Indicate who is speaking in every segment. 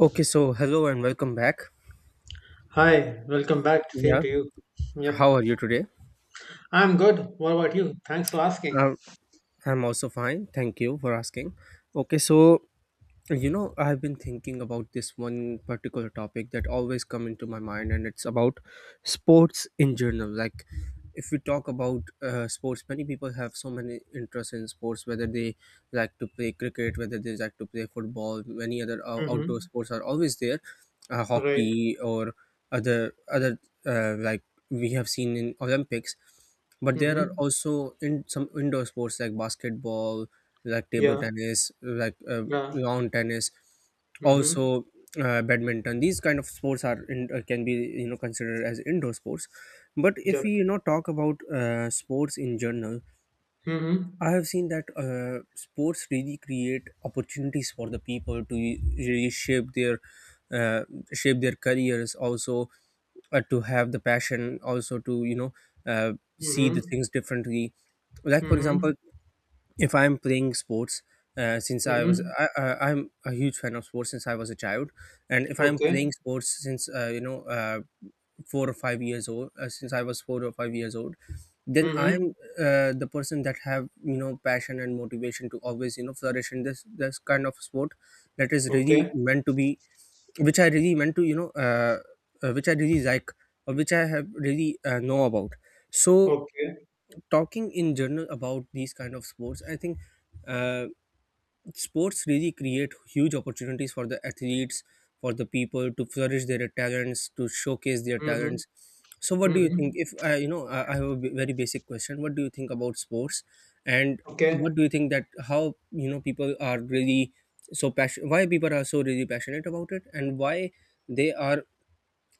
Speaker 1: Okay, so hello and welcome back.
Speaker 2: Hi, welcome back. Same
Speaker 1: Yeah,
Speaker 2: to you. Yep.
Speaker 1: how are you today?
Speaker 2: I'm good. What about you? Thanks for asking.
Speaker 1: Um, I'm also fine. Thank you for asking. Okay, so you know I've been thinking about this one particular topic that always come into my mind, and it's about sports in general. Like, if we talk about sports, many people have so many interests in sports, whether they like to play cricket, whether they like to play football, many other outdoor
Speaker 2: Mm-hmm.
Speaker 1: sports are always there,
Speaker 2: Right.
Speaker 1: hockey or other like we have seen in Olympics. But there are
Speaker 2: Mm-hmm.
Speaker 1: also in some indoor sports like basketball, like table
Speaker 2: Yeah.
Speaker 1: tennis, like
Speaker 2: Yeah.
Speaker 1: lawn tennis,
Speaker 2: Mm-hmm.
Speaker 1: also badminton. These kind of sports are can be considered as indoor sports. But if
Speaker 2: Yep.
Speaker 1: we talk about sports in general,
Speaker 2: Mm-hmm.
Speaker 1: I have seen that sports really create opportunities for the people to really shape their uh, careers, also to have the passion, also to uh, see the
Speaker 2: Mm-hmm.
Speaker 1: things differently. Like for
Speaker 2: Mm-hmm.
Speaker 1: example, if I'm playing sports, since I was
Speaker 2: Mm-hmm.
Speaker 1: I, I'm a huge fan of sports since I was a child, and if I'm
Speaker 2: Okay.
Speaker 1: playing sports since 4 or 5 years old, since I was 4 or 5 years old, then
Speaker 2: Mm-hmm.
Speaker 1: I'm the person that have you know passion and motivation to always you know flourish in this kind of sport that is really
Speaker 2: Okay.
Speaker 1: meant to be, which I really meant to which I really like or which I have really know about. So
Speaker 2: Okay.
Speaker 1: talking in general about these kind of sports, I think uh, sports really create huge opportunities for the athletes, for the people to flourish their talents, to showcase their
Speaker 2: Mm-hmm.
Speaker 1: talents. So what do you
Speaker 2: Mm-hmm.
Speaker 1: think? If I you know I have a very basic question, what do you think about sports and
Speaker 2: Okay.
Speaker 1: what do you think that how you know people are really so passionate, why people are so really passionate about it, and why they are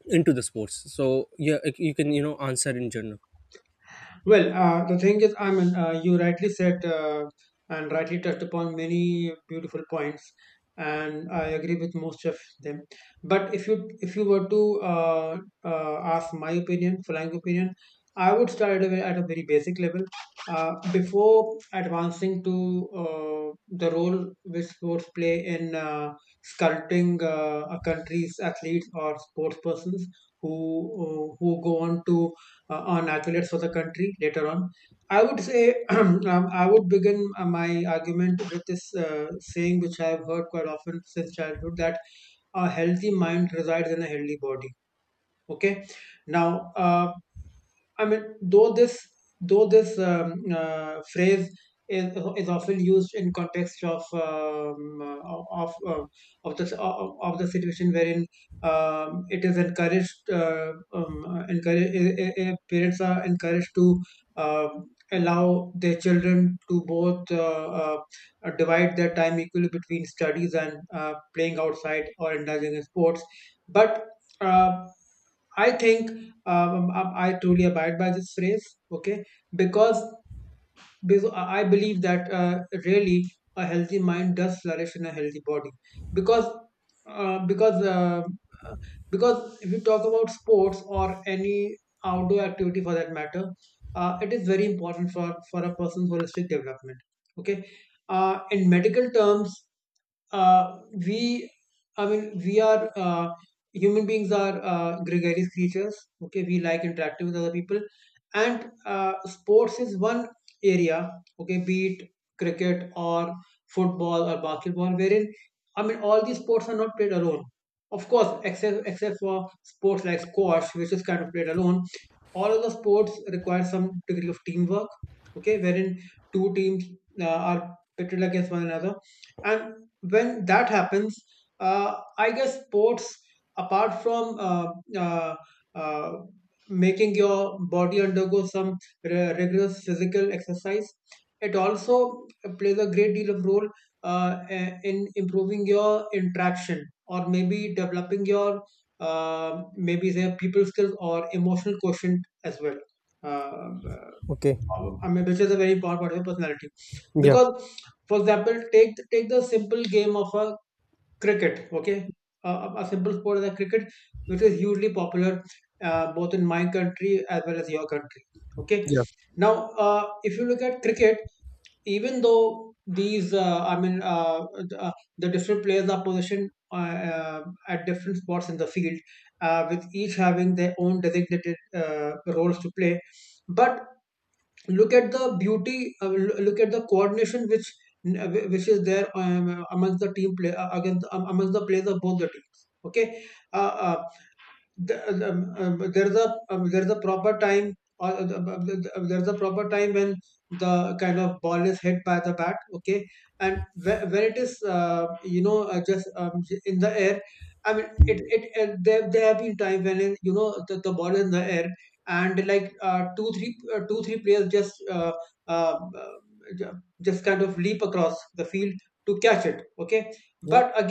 Speaker 1: into the sports? So yeah, you can you know answer in general.
Speaker 2: Well, the thing is, I mean, you rightly said and rightly touched upon many beautiful points, and I agree with most of them. But if you were to ask my opinion, flying opinion, I would start at a very basic level before advancing to the role which sports play in sculpting a country's athletes or sports persons who who go on to on accolades for the country later on. I would say I would begin my argument with this saying, which I have heard quite often since childhood, that a healthy mind resides in a healthy body. Okay, now, I mean, though this phrase is often used in context of of the situation wherein it is encouraged encourage eh, eh, eh, parents are encouraged to um allow their children to both uh, divide their time equally between studies and playing outside or indulging in sports, but. Uh, I think I truly abide by this phrase, okay? Because because I believe that really a healthy mind does flourish in a healthy body. Because uh, because uh, because if you talk about sports or any outdoor activity for that matter, it is very important for a person's holistic development. Okay, in medical terms, uh, we I mean we are human beings, are gregarious creatures. Okay, we like interacting with other people, and sports is one area. Okay, be it cricket or football or basketball, wherein, I mean, all these sports are not played alone, of course except for sports like squash, which is kind of played alone. All of the sports require some degree of teamwork, okay, wherein two teams are pitted against one another, and when that happens, I guess sports, apart from uh, uh, making your body undergo some rigorous physical exercise, it also plays a great deal of role in improving your interaction, or maybe developing your maybe say, people skills or emotional quotient as well. uh, uh,
Speaker 1: Okay.
Speaker 2: I mean, which is a very important part of your personality,
Speaker 1: Yeah.
Speaker 2: because, for example, take the simple game of a cricket. Okay, a simple sport as a cricket, which is hugely popular both in my country as well as your country. Okay,
Speaker 1: Yeah.
Speaker 2: now, if you look at cricket, even though these, the different players are positioned at different spots in the field, with each having their own designated roles to play, but look at the beauty, look at the coordination which is there amongst the team play against amongst the players of both the teams. Okay, uh, uh, the, there's a proper time, or the- there's a proper time when the kind of ball is hit by the bat, okay, and when it is in the air, I mean, there have been time when it, you know the ball is in the air, and like two three players just just kind of leap across the field to catch it, okay. But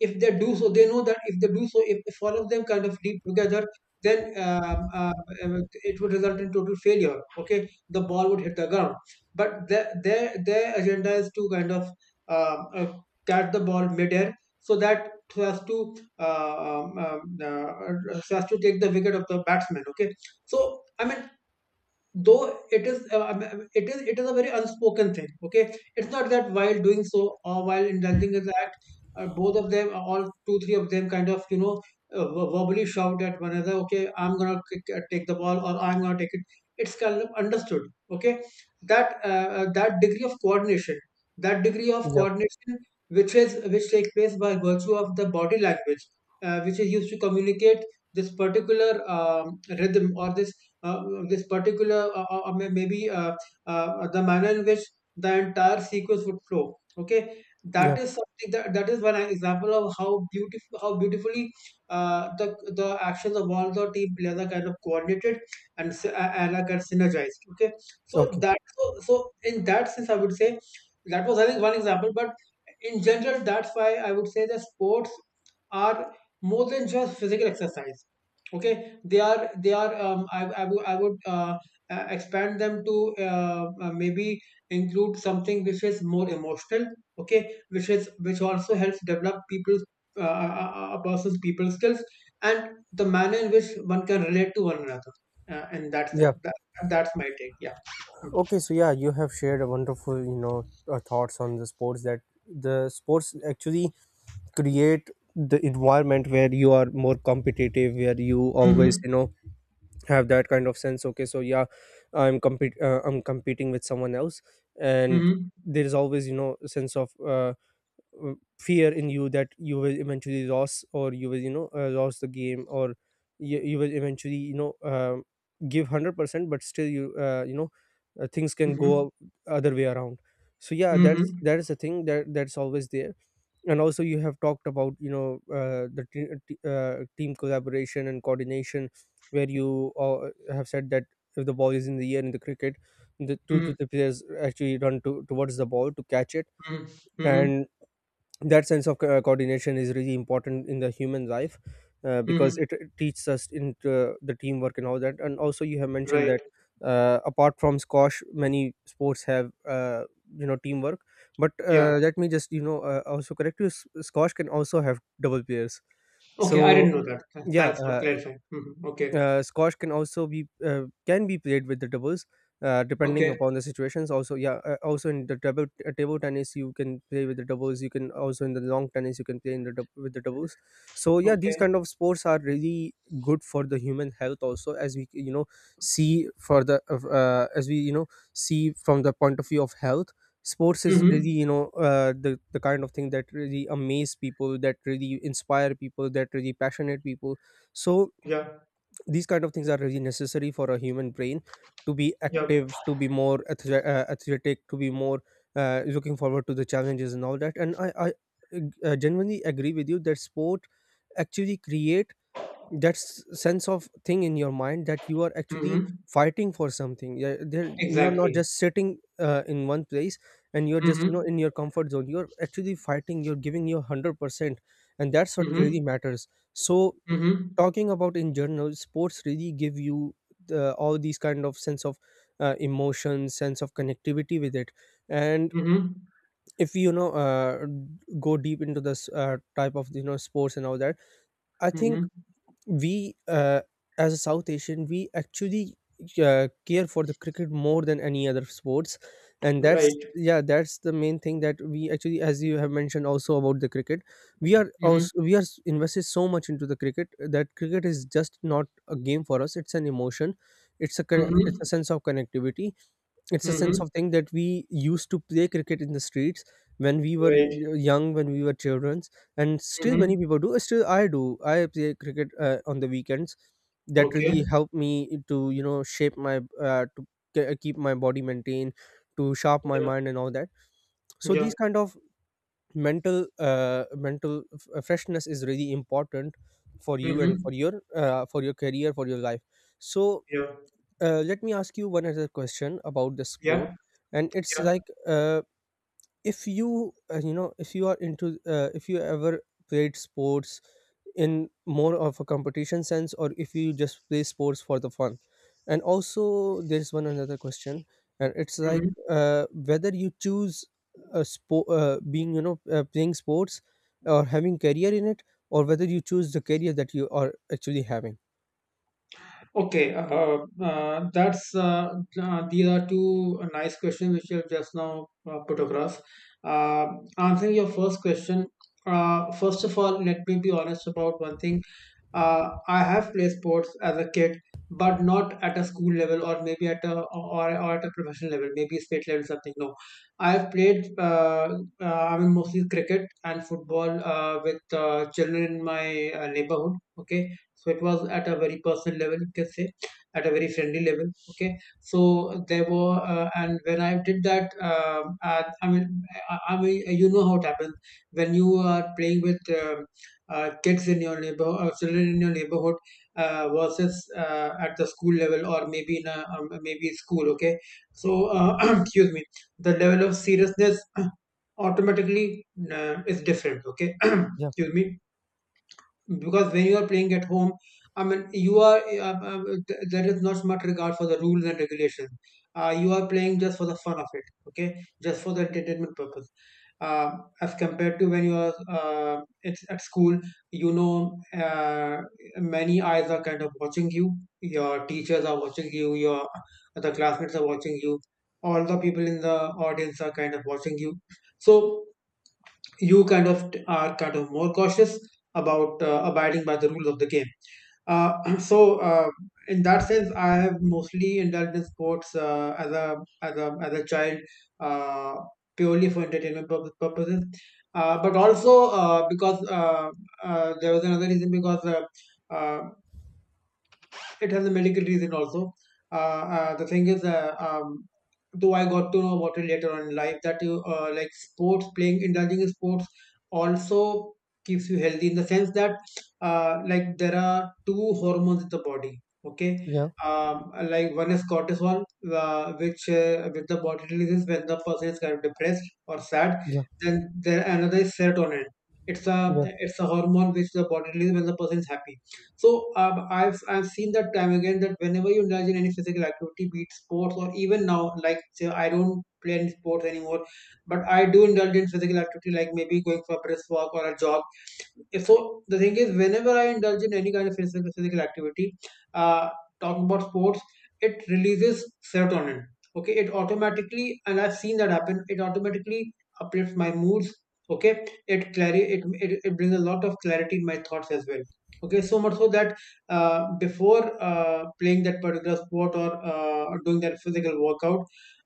Speaker 2: if they do so, they know that, if they do so, if all of them kind of leap together, then it would result in total failure, okay, the ball would hit the ground. But their agenda is to kind of um, uh, catch the ball midair, so that, so as to take the wicket of the batsman, okay. So, I mean, though it is it is a very unspoken thing, okay, it's not that while doing so, or while indulging in that, both of them all two three of them kind of, verbally shout at one another, okay, I'm gonna take the ball, or I'm gonna take it. It's kind of understood, okay, that that degree of coordination, that degree of
Speaker 1: Yeah.
Speaker 2: coordination which is, which takes place by virtue of the body language which is used to communicate this particular rhythm, or this uh, this particular may- maybe the manner in which the entire sequence would flow, okay.
Speaker 1: Yeah.
Speaker 2: That is something that is one example of how beautiful, how beautifully uh, the the actions of all the team players are kind of coordinated and and are kind of synergized, okay. So
Speaker 1: Okay.
Speaker 2: that, so in that sense, I would say, that was, I think, one example, but in general, that's why I would say that sports are more than just physical exercise, okay. They are, I would, I would expand them to maybe include something which is more emotional, okay, which is, which also helps develop people's a person's people skills, and the manner in which one can relate to one another in that sense.
Speaker 1: Yeah.
Speaker 2: That's my take. Yeah. Mm-hmm.
Speaker 1: Okay. So yeah, you have shared a wonderful, you know, thoughts on the sports, that the sports actually create the environment where you are more competitive, where you always,
Speaker 2: Mm-hmm.
Speaker 1: you know, have that kind of sense. Okay. So yeah, I'm compete. I'm competing with someone else, and there is always, you know, a sense of uh, fear in you that you will eventually lose or you will lose the game, or you will eventually you know give 100%, but still you you know things can
Speaker 2: Mm-hmm.
Speaker 1: go other way around. So yeah,
Speaker 2: Mm-hmm.
Speaker 1: that's,
Speaker 2: Mm-hmm.
Speaker 1: that is a thing that that's always there. And also you have talked about team collaboration and coordination, where you have said that if the ball is in the air in the cricket, the two
Speaker 2: Mm-hmm.
Speaker 1: to three players actually run towards the ball to catch it,
Speaker 2: Mm-hmm. Mm-hmm.
Speaker 1: and that sense of coordination is really important in the human life, because
Speaker 2: Mm-hmm.
Speaker 1: it teaches us into the teamwork and all that. And also you have mentioned
Speaker 2: Right.
Speaker 1: that apart from squash, many sports have you know teamwork. But
Speaker 2: Yeah.
Speaker 1: let me just you know also correct you, squash can also have double players.
Speaker 2: Okay, I
Speaker 1: So
Speaker 2: didn't know that.
Speaker 1: yeah,
Speaker 2: Thanks for clarifying. Hmm. Okay.
Speaker 1: squash can also be can be played with the doubles, depending
Speaker 2: Okay.
Speaker 1: upon the situations also. Yeah, also in the double table tennis you can play with the doubles, you can also in the long tennis you can play in the with the doubles. So yeah, these
Speaker 2: Okay.
Speaker 1: kind of sports are really good for the human health also, as we you know see for the as we you know see from the point of view of health, sports is
Speaker 2: Mhm.
Speaker 1: really you know the kind of thing that really amaze people, that really inspire people, that really passionate people. So
Speaker 2: Yeah.
Speaker 1: these kind of things are really necessary for a human brain to be
Speaker 2: Yeah.
Speaker 1: active, to be more athletic, to be more looking forward to the challenges and all that. And I genuinely agree with you that sport actually create that sense of thing in your mind that you are actually
Speaker 2: Mhm.
Speaker 1: fighting for something. Yeah, you're not
Speaker 2: Exactly.
Speaker 1: just sitting in one place, and you're just you know
Speaker 2: Mhm.
Speaker 1: in your comfort zone, you're actually fighting, you're giving your 100%, and that's what
Speaker 2: Mhm.
Speaker 1: really matters. So
Speaker 2: Mhm.
Speaker 1: talking about in general, sports really give you the, all these kind of sense of emotion, sense of connectivity with it. And
Speaker 2: Mhm.
Speaker 1: if you know go deep into this type of you know sports and all that, I think
Speaker 2: Mhm.
Speaker 1: we as a South Asian, we actually care for the cricket more than any other sports. And that's,
Speaker 2: Right.
Speaker 1: yeah, that's the main thing, that we actually, as you have mentioned also about the cricket, we are
Speaker 2: Mhm.
Speaker 1: also, invested so much into the cricket that cricket is just not a game for us, it's an emotion, it's a it's
Speaker 2: Mhm.
Speaker 1: a sense of connectivity, it's a sense
Speaker 2: Mhm.
Speaker 1: of thing that we used to play cricket in the streets when we were
Speaker 2: Right.
Speaker 1: young, when we were children, and still
Speaker 2: Mhm.
Speaker 1: many people do. Still I do, I play cricket on the weekends. That
Speaker 2: Okay.
Speaker 1: really helped me to you know shape my uh, to keep my body maintained, to sharp my
Speaker 2: Yeah.
Speaker 1: mind and all that. So
Speaker 2: Yeah.
Speaker 1: these kind of mental mental freshness is really important for you and
Speaker 2: Mhm.
Speaker 1: for your career, for your life. So
Speaker 2: Yeah.
Speaker 1: let me ask you one other question about the sport,
Speaker 2: Yeah.
Speaker 1: and it's
Speaker 2: Yeah.
Speaker 1: like if you you know if you are into if you ever played sports in more of a competition sense, or if you just play sports for the fun. And also there's one another question, and it's like
Speaker 2: Mhm.
Speaker 1: whether you choose a sport being you know playing sports or having career in it, or whether you choose the career that you are actually having.
Speaker 2: Okay, that's these are two nice questions which you have just now put across. Uh, Answering your first question, first of all, let me be honest about one thing. I have played sports as a kid, but not at a school level, or maybe at or at a professional level, maybe state level, something. No, I have played. I mean, mostly cricket and football with children in my neighborhood. Okay, so it was at a very personal level, you can say, at a very friendly level, okay, so there were, and when I did that, I mean, I mean, you know how it happens when you are playing with kids in your neighbor children in your neighborhood, versus at the school level, or maybe in a maybe school, okay. So excuse me, the level of seriousness automatically is different, okay.
Speaker 1: Yeah,
Speaker 2: Excuse me, because when you are playing at home, I mean, you are, uh, uh, there is not much regard for the rules and regulations, you are playing just for the fun of it, okay, just for the entertainment purpose, uh, as compared to when you are, it's at school, you know, uh, many eyes are kind of watching you, your teachers are watching you, your the classmates are watching you, all the people in the audience are kind of watching you, so you kind of are kind of more cautious about abiding by the rules of the game. So in that sense, I have mostly indulged in sports as a child, uh, purely for purposes, but also because there was another reason, because. Uh, it has a medical reason also. The thing is, though I got to know about it later on in life, that you, like sports, playing, indulging in sports, also keeps you healthy, in the sense that like there are two hormones in the body. Okay,
Speaker 1: yeah,
Speaker 2: like one is cortisol, which the body releases when the person is kind of depressed or sad.
Speaker 1: yeah,
Speaker 2: Then there another is serotonin. It's a
Speaker 1: yeah,
Speaker 2: it's a hormone which the body releases when the person is happy. So I've seen that time again, that whenever you indulge in any physical activity, be it sports, or even now, like, say, I don't play any sports anymore, but I do indulge in physical activity, like maybe going for a brisk walk or a jog. So the thing is, whenever I indulge in any kind of physical activity, uh, talking about sports, it releases serotonin. Okay, it automatically, and I've seen that happen, it automatically uplifts my moods. It brings a lot of clarity in my thoughts as well. Okay, so much so that before playing that particular sport or doing that physical workout,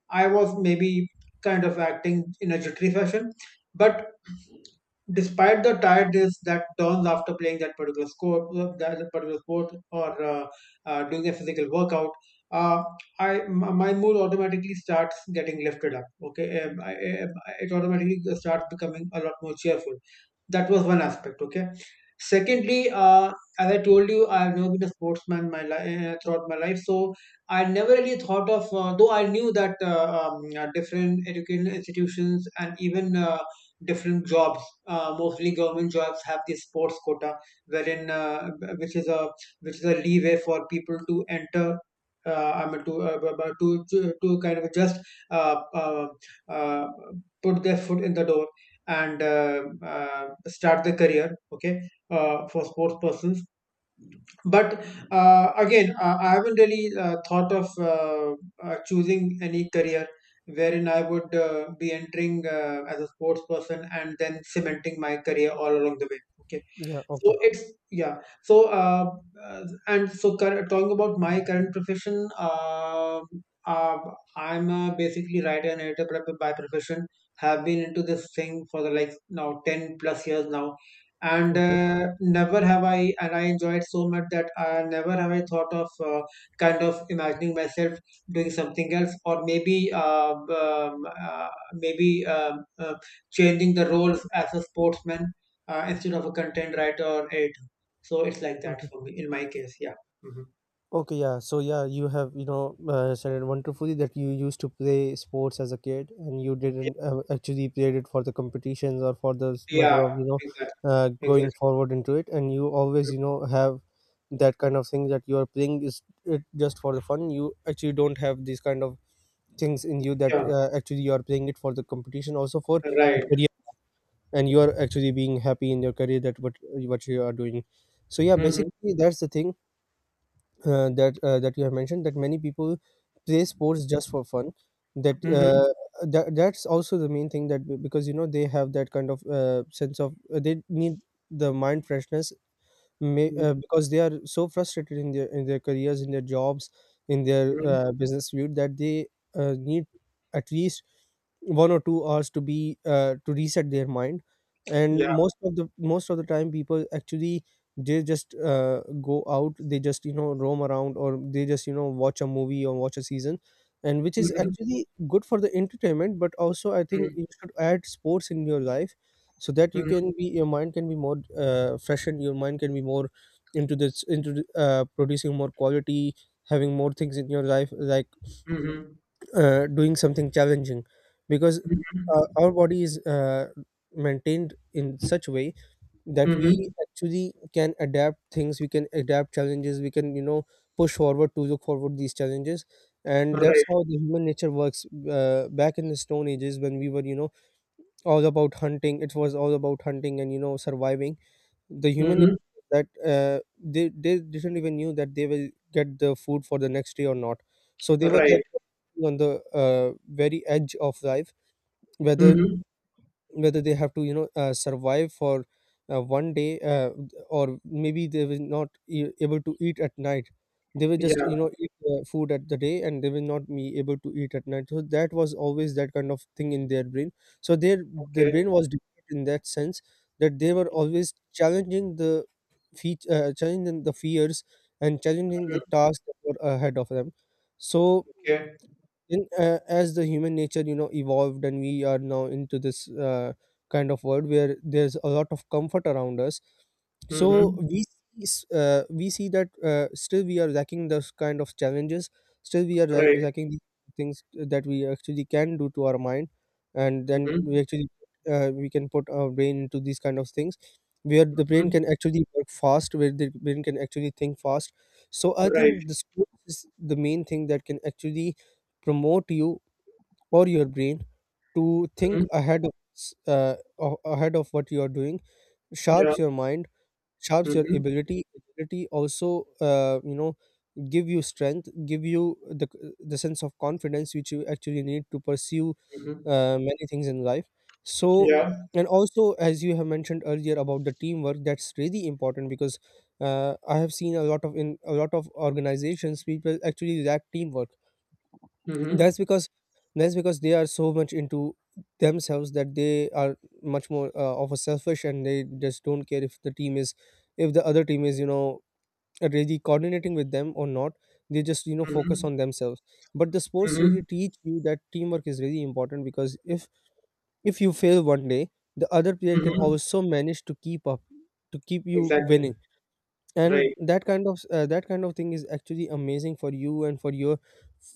Speaker 2: I was maybe kind of acting in a jittery fashion. But despite the tiredness that dawns after playing that particular sport or doing a physical workout, uh, my mood automatically starts getting lifted up. Okay. I- it automatically starts becoming a lot more cheerful. That was one aspect. Okay. Secondly, as I told you, I've never been a sportsman throughout my life, so I never really thought of. Though I knew that different educational institutions and even different jobs, mostly government jobs, have this sports quota, wherein which is a which is a leeway for people to enter. I mean to, to kind of just uh, uh, uh, put their foot in the door and start the career. Okay, for sports persons. But again, I haven't really thought of choosing any career wherein I would be entering as a sports person and then cementing my career all along the way. Okay,
Speaker 1: yeah.
Speaker 2: so
Speaker 1: Okay,
Speaker 2: it's yeah. So talking about my current profession, uh, I'm basically writer and editor by profession. Have been into this thing for the like now 10 plus years now, and
Speaker 1: okay.
Speaker 2: never have I and I enjoy it so much that never have I thought of kind of imagining myself doing something else, or maybe changing the roles as a sportsman instead of a content writer or editor. So it's like that
Speaker 1: Okay.
Speaker 2: for me in my case. Yeah. Hmm.
Speaker 1: Okay. Yeah. So yeah, you have you know said it wonderfully that you used to play sports as a kid, and you didn't actually played it for the competitions or for the matter
Speaker 2: Yeah.
Speaker 1: of you know
Speaker 2: Exactly. Exactly.
Speaker 1: going forward into it, and you always you know have that kind of thing that you are playing is it just for the fun. You actually don't have these kind of things in you that
Speaker 2: Yeah.
Speaker 1: actually you are playing it for the competition, also for the
Speaker 2: Right.
Speaker 1: career, and you are actually being happy in your career that what you are doing. So yeah,
Speaker 2: Hmm.
Speaker 1: basically that's the thing, that you have mentioned, that many people play sports just for fun. That
Speaker 2: Hmm.
Speaker 1: that that's also the main thing, that because you know they have that kind of sense of they need the mind freshness, because they are so frustrated in their careers, in their jobs, in their
Speaker 2: Hmm.
Speaker 1: business field, that they need at least 1 or 2 hours to be to reset their mind.
Speaker 2: Yeah.
Speaker 1: And most of the time people actually, they just go out, they just you know roam around, or they just you know watch a movie or watch a season, and which is
Speaker 2: Hmm.
Speaker 1: actually good for the entertainment. But also I think
Speaker 2: Hmm.
Speaker 1: you should add sports in your life so that you
Speaker 2: Hmm.
Speaker 1: can be, your mind can be more freshened, your mind can be more into this, into the- producing more quality, having more things in your life like
Speaker 2: Hmm.
Speaker 1: doing something challenging. Because our body is maintained in such a way that
Speaker 2: Hmm.
Speaker 1: we actually can adapt things, we can adapt challenges, we can you know push forward to look forward these challenges. And that's
Speaker 2: Right.
Speaker 1: how the human nature works. Uh, back in the stone ages, when we were you know all about hunting, it was all about hunting and you know surviving, the human nature
Speaker 2: Hmm.
Speaker 1: that they didn't even knew that they will get the food for the next day or not. So they were like
Speaker 2: Right.
Speaker 1: on the uh, very edge of life, whether
Speaker 2: Hmm.
Speaker 1: whether they have to you know survive for one day, or maybe they were not able to eat at night, they were just
Speaker 2: Yeah.
Speaker 1: you know eat food at the day and they will not be able to eat at night. So that was always that kind of thing in their brain. So their
Speaker 2: Okay.
Speaker 1: brain was developed in that sense, that they were always challenging the fears and challenging the
Speaker 2: Hmm.
Speaker 1: tasks that were ahead of them. so
Speaker 2: Okay.
Speaker 1: in uh, as the human nature evolved, and we are now into this kind of world where there's a lot of comfort around us. So
Speaker 2: Hmm.
Speaker 1: we see that still we are lacking those kind of challenges. Still we are
Speaker 2: Right.
Speaker 1: lacking the things that we actually can do to our mind, and then
Speaker 2: Hmm.
Speaker 1: we can put our brain into these kind of things, where the brain
Speaker 2: Hmm.
Speaker 1: can actually work fast, where the brain can actually think fast. So I
Speaker 2: Right.
Speaker 1: think the school is the main thing that can actually promote you or your brain to think
Speaker 2: Hmm.
Speaker 1: ahead of ahead of what you are doing.
Speaker 2: Yeah.
Speaker 1: Sharps your mind, sharps your
Speaker 2: Hmm.
Speaker 1: ability also. uh, you know Give you strength, give you the sense of confidence which you actually need to pursue
Speaker 2: Hmm.
Speaker 1: many things in life. So.
Speaker 2: Yeah.
Speaker 1: And also, as you have mentioned earlier about the teamwork, that's really important, because I have seen a lot of in a lot of organizations people actually lack teamwork.
Speaker 2: Hmm.
Speaker 1: That's because they are so much into themselves, that they are much more of a selfish, and they just don't care if the team is if the other team is really coordinating with them or not. They just focus
Speaker 2: Hmm.
Speaker 1: on themselves. But the sports really
Speaker 2: Hmm.
Speaker 1: teach you that teamwork is really important, because if you fail one day, the other player can
Speaker 2: Hmm.
Speaker 1: also manage to keep up, to keep you
Speaker 2: Exactly.
Speaker 1: winning. And
Speaker 2: Right.
Speaker 1: that kind of thing is actually amazing for you and for your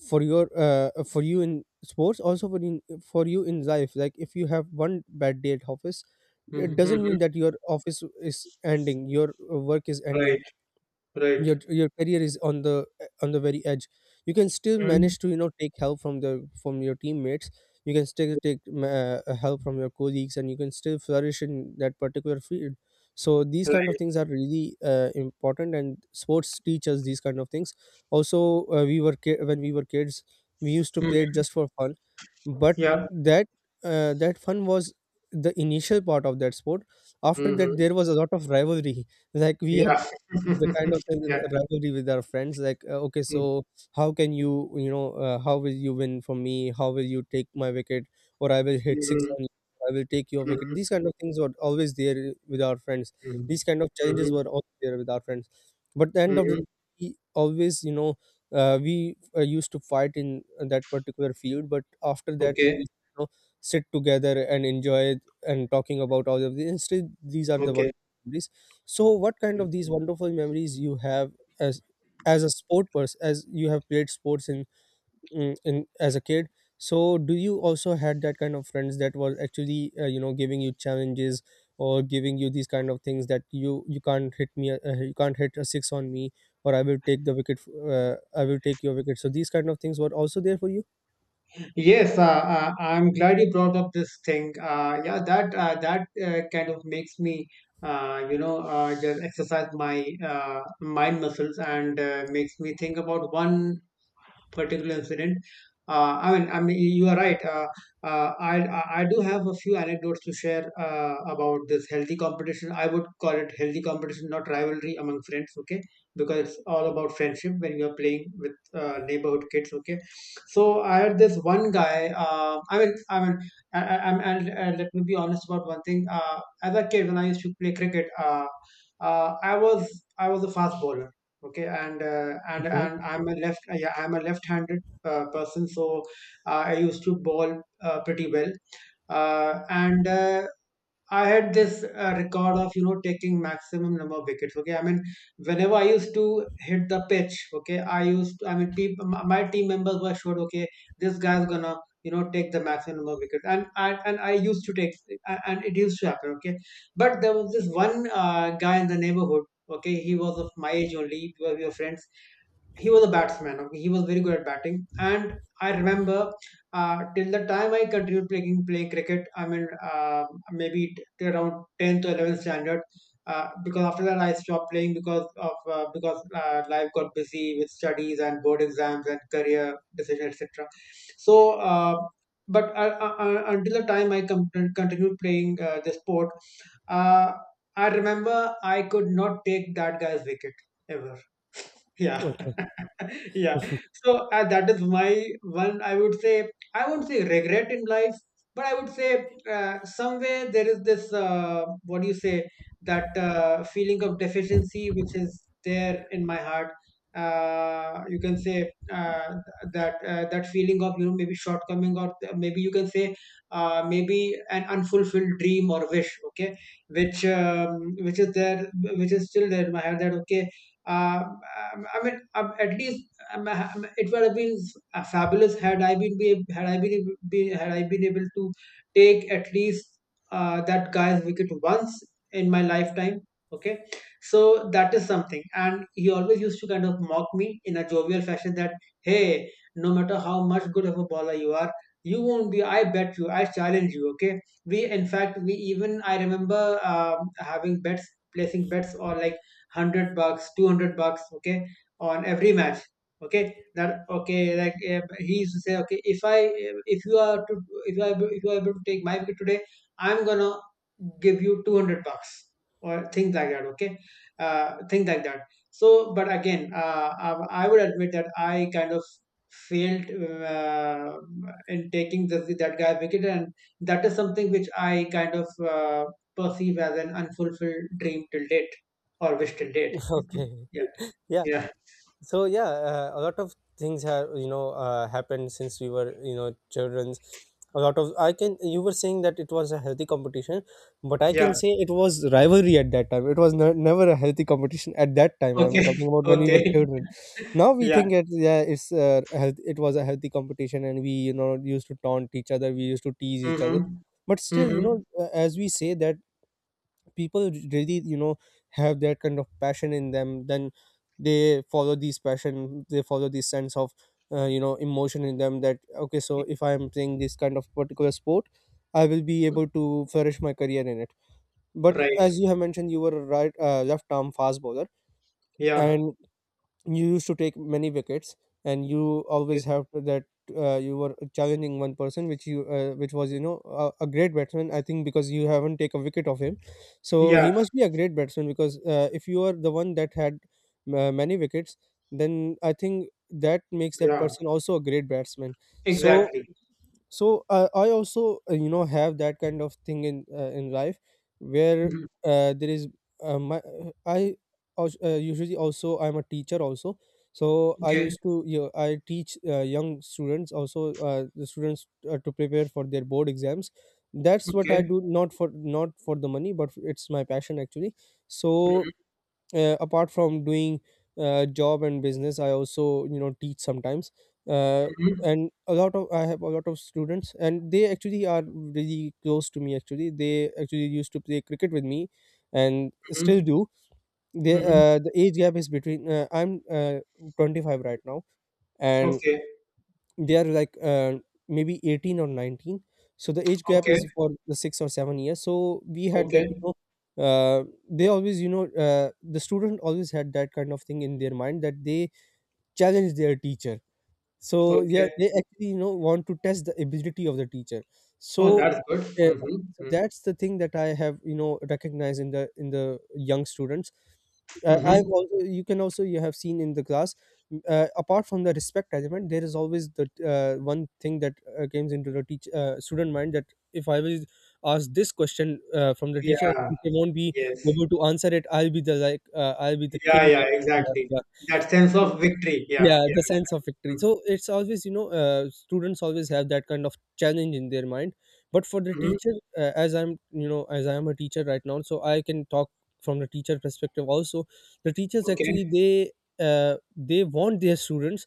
Speaker 1: for your for you in sports, also for in for you in life. Like if you have one bad day at office, it doesn't
Speaker 2: Hmm.
Speaker 1: mean that your office is ending, your work is ending,
Speaker 2: Right,
Speaker 1: your
Speaker 2: right.
Speaker 1: your career is on the very edge. You can still
Speaker 2: Mm,
Speaker 1: manage to take help from the from your teammates, you can still take help from your colleagues, and you can still flourish in that particular field. So these kind
Speaker 2: right.
Speaker 1: of things are really important, and sports teach us these kind of things. Also, when we were kids, we used to play it
Speaker 2: Mm,
Speaker 1: just for fun, but
Speaker 2: yeah.
Speaker 1: that that fun was the initial part of that sport. After that,
Speaker 2: Hmm.
Speaker 1: there was a lot of rivalry like we had
Speaker 2: Yeah.
Speaker 1: the kind of sense
Speaker 2: Yeah.
Speaker 1: of rivalry with our friends, like okay,
Speaker 2: Mm,
Speaker 1: so how can you you know how will you win from me, how will you take my wicket, or I will hit six
Speaker 2: mhm,
Speaker 1: on you, I will take your wicket.
Speaker 2: mhm,
Speaker 1: These kind of things were always there with our friends.
Speaker 2: mhm,
Speaker 1: These kind of challenges
Speaker 2: mhm,
Speaker 1: were always there with our friends. But at the end of the,
Speaker 2: mhm.
Speaker 1: we always, you know we used to fight in that particular field, but after that we
Speaker 2: Okay.
Speaker 1: used to, sit together and enjoy it, and talking about all of this, instead these are the
Speaker 2: Okay.
Speaker 1: one. So, what kind
Speaker 2: Mm.
Speaker 1: of these wonderful memories you have, as as a sport person, as you have played sports in, in as a kid? So, do you also had that kind of friends that was actually giving you challenges, or giving you these kind of things that you can't hit me, you can't hit a six on me, or I will take your wicket. So, these kind of things were also there for you.
Speaker 2: Yes, I'm glad you brought up this thing. Yeah, that kind of makes me, you know, just exercise my mind muscles and makes me think about one particular incident. I mean, you are right. I do have a few anecdotes to share about this healthy competition. I would call it healthy competition, not rivalry among friends. Okay, because it's all about friendship when you are playing with neighborhood kids. Okay, so I had this one guy. I mean, and let me be honest about one thing. As a kid, when I used to play cricket, I was a fast bowler. Okay, and
Speaker 1: Okay.
Speaker 2: I'm a left-handed person, so I used to bowl pretty well. And I had this record of, you know, taking maximum number of wickets. Okay, I mean, whenever I used to hit the pitch, okay, I mean people, my team members were sure, okay, this guy's gonna, you know, take the maximum number of wickets, and I used to take, and it used to happen. Okay, but there was this one guy in the neighborhood. Okay, he was of my age only. We were friends, he was a batsman. Okay, he was very good at batting, and I remember till the time I continued playing cricket. I mean, maybe till around 10th or 11th standard. Because after that I stopped playing because of because life got busy with studies and board exams and career decision etc. So, but until the time I continued playing the sport, uh, I remember I could not take that guy's wicket ever. Yeah,
Speaker 1: Okay.
Speaker 2: yeah. So that is my one. I would say I won't say regret in life, but I would say somewhere there is this what do you say, that feeling of deficiency which is there in my heart. You can say that feeling of, you know, maybe shortcoming, or maybe you can say maybe an unfulfilled dream or wish. Okay, which is there, which is still there in my heart. That okay. At least it would have been fabulous had I been, be, had I been, ab- be, had I been able to take at least that guy's wicket once in my lifetime. Okay, so that is something, and he always used to kind of mock me in a jovial fashion that hey, no matter how much good of a bowler you are, you won't be. I bet you. I challenge you. Okay, we in fact we even I remember having bets, placing bets, or like 100 bucks, 200 bucks, okay, on every match. Okay, that okay like he used to say, okay, if you are to if I, if you are able to take my wicket today, I'm gonna give you 200 bucks, or things like that. Okay, things like that. So but again, I would admit that I kind of failed uh, in taking the that guy wicket, and that is something which I kind of uh, perceive as an unfulfilled dream till date or we date.
Speaker 1: Okay.
Speaker 2: Yeah,
Speaker 1: Yeah.
Speaker 2: yeah,
Speaker 1: So, yeah, a lot of things have happened since we were children's. A lot of I can You were saying that it was a healthy competition, but I can
Speaker 2: yeah.
Speaker 1: say it was rivalry at that time, it was never a healthy competition at that time, I'm
Speaker 2: Okay,
Speaker 1: talking about when we were
Speaker 2: okay.
Speaker 1: children. Now we
Speaker 2: Yeah.
Speaker 1: think it, yeah, it's it was a healthy competition, and we used to taunt each other, we used to tease each other.
Speaker 2: Mm-hmm.
Speaker 1: But still,
Speaker 2: Mm-hmm.
Speaker 1: as we say that, people really have that kind of passion in them, then they follow these passion, they follow this sense of emotion in them, that okay, so
Speaker 2: Yeah.
Speaker 1: if I am playing this kind of particular sport, I will be able to flourish my career in it. But
Speaker 2: Right.
Speaker 1: as you have mentioned, you were a left arm fast bowler,
Speaker 2: Yeah.
Speaker 1: and you used to take many wickets, and you
Speaker 2: Okay.
Speaker 1: always have to- that you were challenging one person, which you which was a great batsman, I think, because you haven't take a wicket of him, so
Speaker 2: Yeah.
Speaker 1: he must be a great batsman, because if you are the one that had many wickets, then I think that makes that
Speaker 2: Yeah.
Speaker 1: person also a great batsman. So,
Speaker 2: Exactly.
Speaker 1: I also, have that kind of thing in life, where
Speaker 2: Mhm.
Speaker 1: there is my, usually, also I'm a teacher also. So I
Speaker 2: Okay.
Speaker 1: used to you know, I teach young students, also the students to prepare for their board exams. That's what I
Speaker 2: Okay.
Speaker 1: do, not for the money, but it's my passion actually. So
Speaker 2: Mm-hmm.
Speaker 1: apart from doing job and business, I also teach sometimes. uh,
Speaker 2: Mm-hmm.
Speaker 1: and a lot of I have a lot of students, and they actually are really close to me, actually they actually used to play cricket with me, and still
Speaker 2: Mm-hmm.
Speaker 1: do.
Speaker 2: Mm-hmm.
Speaker 1: The age gap is between I'm 25 right now, and
Speaker 2: Okay.
Speaker 1: they are like maybe 18 or 19, so the age gap
Speaker 2: Okay.
Speaker 1: is for the 6 or 7 years. So we had that.
Speaker 2: Okay.
Speaker 1: Uh, the student always had that kind of thing in their mind, that they challenge their teacher. So yeah,
Speaker 2: Okay.
Speaker 1: they actually want to test the ability of the teacher.
Speaker 2: Oh,
Speaker 1: So
Speaker 2: that's good.
Speaker 1: uh,
Speaker 2: Mm-hmm. Mm-hmm.
Speaker 1: that's the thing that I have recognized in the young students. I have
Speaker 2: Mm-hmm.
Speaker 1: also you can also You have seen in the class, apart from the respect element, there is always the one thing that comes into the teach student mind, that if I will ask this question from the teacher
Speaker 2: Yeah.
Speaker 1: and they won't be
Speaker 2: Yes.
Speaker 1: able to answer it, I'll be the
Speaker 2: Yeah.
Speaker 1: king
Speaker 2: Yeah.
Speaker 1: of this
Speaker 2: Exactly.
Speaker 1: class.
Speaker 2: That sense
Speaker 1: yeah
Speaker 2: of victory. Yeah.
Speaker 1: yeah,
Speaker 2: Yeah.
Speaker 1: the sense of victory.
Speaker 2: Mm-hmm.
Speaker 1: So it's always you know students always have that kind of challenge in their mind. But for the
Speaker 2: Mm-hmm.
Speaker 1: teacher, as I'm you know as I am a teacher right now, so I can talk from the teacher perspective also. The teachers actually,
Speaker 2: Okay.
Speaker 1: they want their students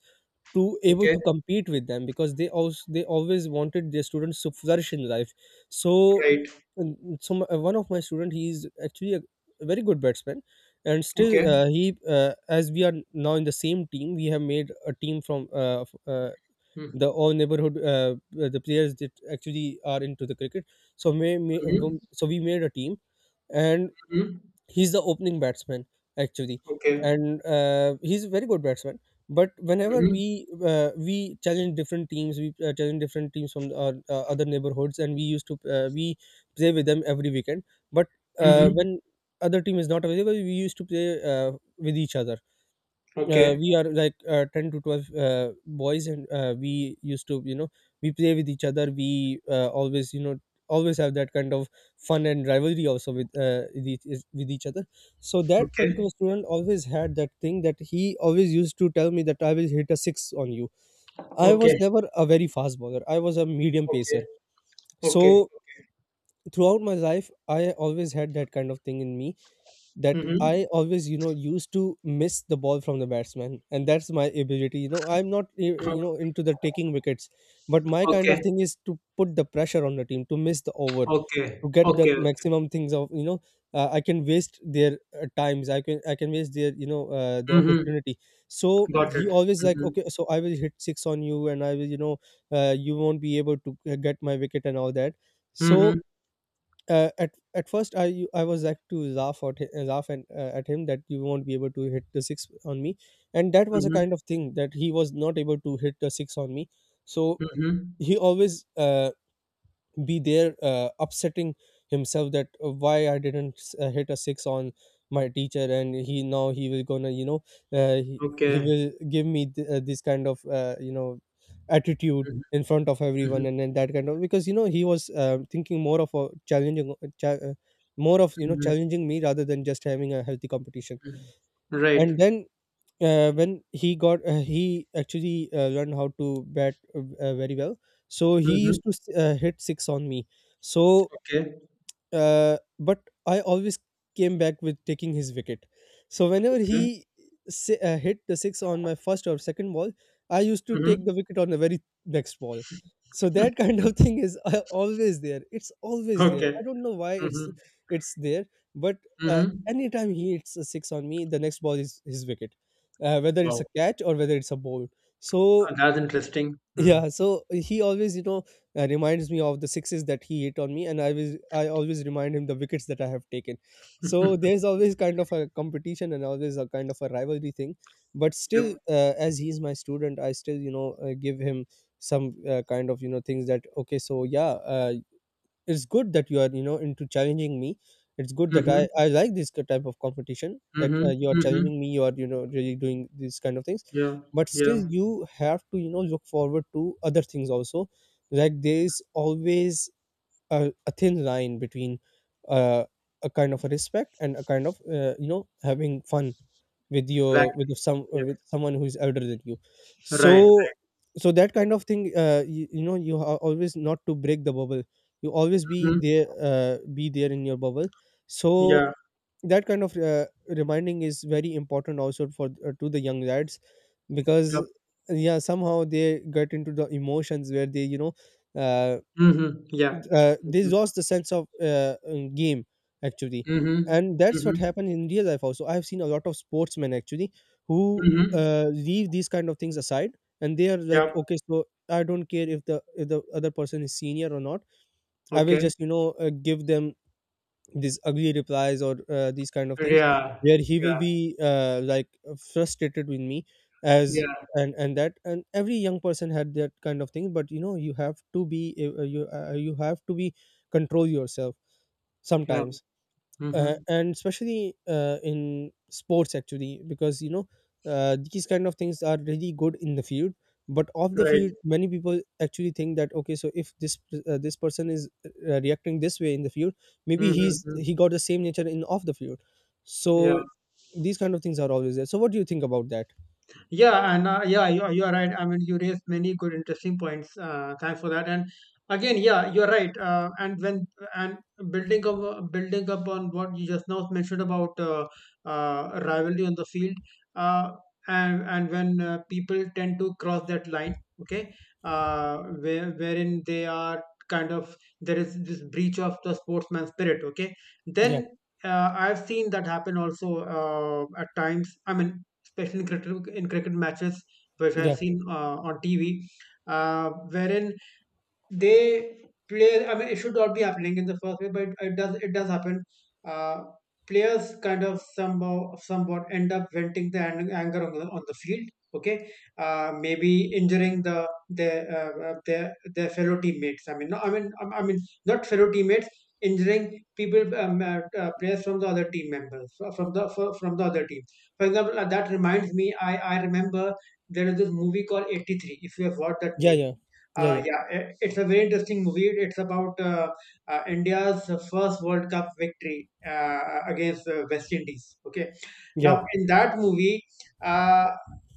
Speaker 1: to able
Speaker 2: Okay.
Speaker 1: to compete with them, because they always wanted their students to flourish in life. So
Speaker 2: Right.
Speaker 1: mm, one of my student, he is actually a very good batsman. And still,
Speaker 2: Okay.
Speaker 1: he as we are now in the same team, we have made a team from
Speaker 2: Mm-hmm.
Speaker 1: the all neighborhood, the players that actually are into the cricket. So
Speaker 2: Mm-hmm.
Speaker 1: so we made a team, and
Speaker 2: Mhm.
Speaker 1: he's the opening batsman, actually.
Speaker 2: Okay.
Speaker 1: And he's a very good batsman. But whenever
Speaker 2: Mhm.
Speaker 1: we challenge different teams from other neighborhoods, and we used to we play with them every weekend. But
Speaker 2: Mhm.
Speaker 1: when other team is not available, we used to play with each other.
Speaker 2: Okay.
Speaker 1: We are like 10 to 12 boys, and we used to you know we play with each other. We Always always have that kind of fun and rivalry also with with each other. So that
Speaker 2: Okay.
Speaker 1: particular student always had that thing, that he always used to tell me that I will hit a six on you. I was
Speaker 2: Okay.
Speaker 1: never a very fast bowler, I was a medium
Speaker 2: Okay.
Speaker 1: pacer. So
Speaker 2: Okay.
Speaker 1: throughout my life, I always had that kind of thing in me, that I
Speaker 2: Mhm.
Speaker 1: always, used to miss the ball from the batsman, and that's my ability. You know, I'm not,
Speaker 2: Uh-huh.
Speaker 1: into the taking wickets, but my kind of
Speaker 2: Okay.
Speaker 1: thing is to put the pressure on the team to miss the over,
Speaker 2: Okay.
Speaker 1: to get that
Speaker 2: Okay. Okay.
Speaker 1: maximum things of. I can waste their times, I can waste their the
Speaker 2: Mhm.
Speaker 1: opportunity. So
Speaker 2: Got
Speaker 1: he
Speaker 2: it.
Speaker 1: always like,
Speaker 2: Mhm.
Speaker 1: okay, so I will hit six on you, and I will, you won't be able to get my wicket and all that. So
Speaker 2: Mhm.
Speaker 1: at first I I was like to laugh at laugh and at him that you won't be able to hit the six on me, and that was a
Speaker 2: Mhm.
Speaker 1: kind of thing that he was not able to hit the six on me. So
Speaker 2: Mhm.
Speaker 1: he always be there upsetting himself that why I didn't hit a 6 on my teacher, and he now he will gonna, you know, he
Speaker 2: Okay.
Speaker 1: will give me this kind of attitude
Speaker 2: Mhm.
Speaker 1: in front of
Speaker 2: Mhm.
Speaker 1: everyone, and then that kind of, because you know, he was thinking more of a challenging more of, you know,
Speaker 2: Mhm.
Speaker 1: challenging me rather than just having a healthy competition.
Speaker 2: Mhm.
Speaker 1: And
Speaker 2: Right.
Speaker 1: then when he got he actually learned how to bat very well, so he
Speaker 2: Mhm.
Speaker 1: used to hit six on me. So
Speaker 2: Okay.
Speaker 1: but I always came back with taking his wicket. So whenever
Speaker 2: Okay.
Speaker 1: he hit the six on my first or second ball, I used to take
Speaker 2: Mhm.
Speaker 1: the wicket on the very next ball. So that kind of thing is always there. It's always there.
Speaker 2: Okay.
Speaker 1: I don't know why
Speaker 2: Mhm.
Speaker 1: it's there, but
Speaker 2: Mhm.
Speaker 1: anytime he hits a six on me, the next ball is his wicket, whether it's
Speaker 2: Wow.
Speaker 1: a catch or whether it's a ball. So
Speaker 2: That's interesting. Mm.
Speaker 1: yeah, so he always, you know, reminds me of the sixes that he hit on me, and I always remind him the wickets that I have taken. So there's always kind of a competition and always a kind of a rivalry thing, but still,
Speaker 2: Yep.
Speaker 1: as he's my student, I still, you know, give him some kind of, you know, things that okay, so yeah, uh, it's good that you are, you know, into challenging me. It's good that
Speaker 2: Mhm.
Speaker 1: I like this type of competition, that
Speaker 2: Mhm.
Speaker 1: you are
Speaker 2: Mhm.
Speaker 1: challenging me, you are, you know, really doing these kind of things.
Speaker 2: Yeah.
Speaker 1: But still,
Speaker 2: Yeah.
Speaker 1: you have to, you know, look forward to other things also, like there is always a thin line between uh, a kind of a respect and a kind of, you know, having fun with your,
Speaker 2: Exactly.
Speaker 1: with some
Speaker 2: Yeah.
Speaker 1: with someone who is elder than you.
Speaker 2: Right.
Speaker 1: So,
Speaker 2: Right.
Speaker 1: so that kind of thing, you know, you are always not to break the bubble. You always be
Speaker 2: Mhm.
Speaker 1: there, be there in your bubble. So
Speaker 2: Yeah.
Speaker 1: that kind of reminding is very important also for to the young lads, because
Speaker 2: Yep.
Speaker 1: yeah, somehow they get into the emotions where they, you know, uh,
Speaker 2: Mhm. Yeah.
Speaker 1: they
Speaker 2: Mhm.
Speaker 1: lost the sense of game actually.
Speaker 2: Mhm.
Speaker 1: And that's what
Speaker 2: Mhm.
Speaker 1: happened in real life also. I've seen a lot of sportsmen actually who
Speaker 2: Mhm.
Speaker 1: leave these kind of things aside, and they are like,
Speaker 2: Yep.
Speaker 1: okay, so I don't care if the other person is senior or not. I will
Speaker 2: Okay.
Speaker 1: just, you know, give them these ugly replies or these kind of things,
Speaker 2: Yeah.
Speaker 1: where he will
Speaker 2: Yeah.
Speaker 1: be like frustrated with me as,
Speaker 2: Yeah.
Speaker 1: and that, and every young person had that kind of thing, but you know, you have to be you have to be, control yourself
Speaker 2: Yeah.
Speaker 1: sometimes,
Speaker 2: Mhm.
Speaker 1: and especially in sports actually, because you know, these kind of things are really good in the field, but off the
Speaker 2: Right.
Speaker 1: field many people actually think that okay, so if this person is reacting this way in the field, maybe
Speaker 2: Mhm. Mhm.
Speaker 1: he got the same nature in off the field.
Speaker 2: Yeah.
Speaker 1: So these kind of things are always there. So what do you think about that?
Speaker 2: Yeah, and yeah, you are right. I mean, you raised many good, interesting points. Thanks for that. And again, yeah, you're right. And when and building up on what you just now mentioned about rivalry on the field, uh, and when people tend to cross that line, okay, wherein they are kind of, there is this breach of the sportsman spirit, okay,
Speaker 1: Yeah,
Speaker 2: then. I've seen that happen also at times. I mean, especially in cricket matches, which I've
Speaker 1: yeah,
Speaker 2: seen on TV, wherein they play. I mean, it should not be happening in the first place, but it does. It does happen. Uh, Players kind of somehow somewhat end up venting the anger on on the field. Okay, maybe injuring their their fellow teammates. I mean, no, I mean, Not fellow teammates. Injuring people, players from the other team members, from the other team. For example, that reminds me. I remember there is this movie called 83. If you have watched that
Speaker 1: yeah,
Speaker 2: movie,
Speaker 1: yeah, yeah, yeah,
Speaker 2: yeah, it's a very interesting movie. It's about India's first World Cup victory against West Indies. Okay, now in that movie, uh,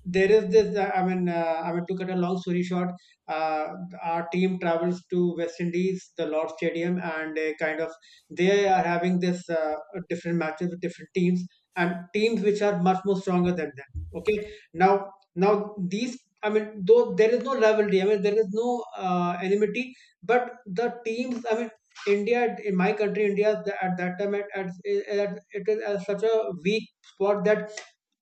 Speaker 2: there is this. I mean to cut a long story short, uh, our team travels to West Indies, the Lord Stadium, and they kind of they are having this different matches with different teams and teams which are much more stronger than them. Okay, now now these, I mean though there is no rivalry, I mean there is no enmity, but the teams, I mean, India, in my country India, at that time at it is at such a weak spot that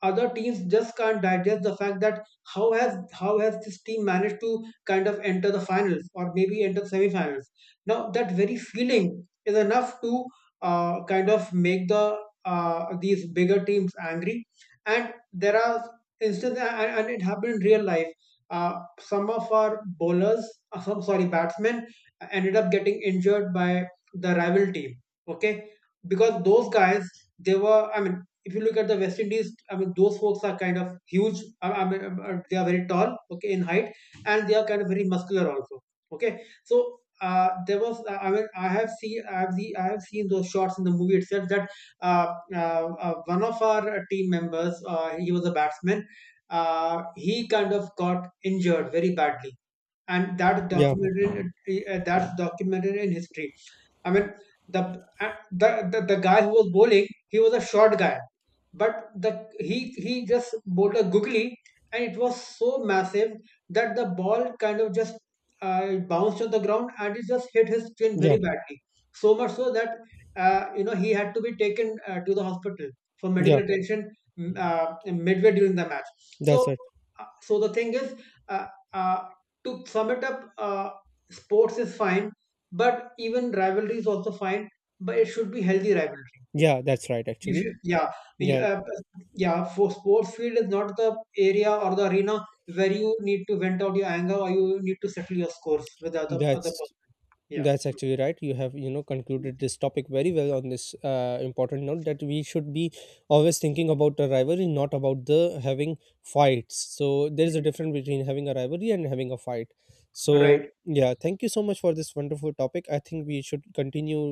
Speaker 2: other teams just can't digest the fact that how has this team managed to kind of enter the finals, or maybe enter the semifinals. Now that very feeling is enough to kind of make the these bigger teams angry, and there are and it happened in real life. Uh, some of our bowlers, some sorry, batsmen ended up getting injured by the rival team. Okay, because those guys, they were. I mean, if you look at the West Indies, I mean, those folks are kind of huge. I mean, they are very tall. Okay, in height, and they are kind of very muscular also. Okay, so. There was, I mean, I have seen, I have seen, I have seen those shots in the movie itself. That one of our team members, he was a batsman, he kind of got injured very badly, and
Speaker 1: yeah,
Speaker 2: that's documented in history. I mean, the the guy who was bowling, he was a short guy, but the he just bowled a googly, and it was so massive that the ball kind of just bounced on the ground and it just hit his chin
Speaker 1: yeah,
Speaker 2: very
Speaker 1: yeah,
Speaker 2: badly. So much so that you know he had to be taken to the hospital for medical
Speaker 1: yeah,
Speaker 2: attention midway during the match.
Speaker 1: that's
Speaker 2: So
Speaker 1: right,
Speaker 2: so the thing is, uh, uh, to sum it up, sports is fine, but even rivalry is also fine, but it should be healthy rivalry.
Speaker 1: yeah,
Speaker 2: Okay?
Speaker 1: that's right
Speaker 2: You
Speaker 1: actually,
Speaker 2: should, yeah, y-
Speaker 1: yeah,
Speaker 2: uh, yeah. For sports field is not the area or the arena where you need to vent out your anger or you need to settle your scores with the other other
Speaker 1: that's
Speaker 2: person. Yeah.
Speaker 1: That's actually right. You have, you know, concluded this topic very well on this important note, that we should be always thinking about the rivalry, not about the having fights. So there is a
Speaker 2: Mhm.
Speaker 1: difference between having a rivalry and having a fight. So
Speaker 2: Right.
Speaker 1: yeah, thank you so much for this wonderful topic. I think we should continue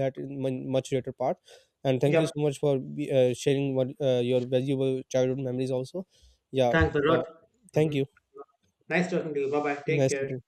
Speaker 1: that in much later part. And thank you
Speaker 2: Yep.
Speaker 1: so much for sharing what, your valuable childhood memories also. Yeah,
Speaker 2: Thanks a
Speaker 1: uh,
Speaker 2: lot. Hmm.
Speaker 1: thank you.
Speaker 2: Nice talking to you. Bye bye. Take
Speaker 1: Nice
Speaker 2: care.
Speaker 1: to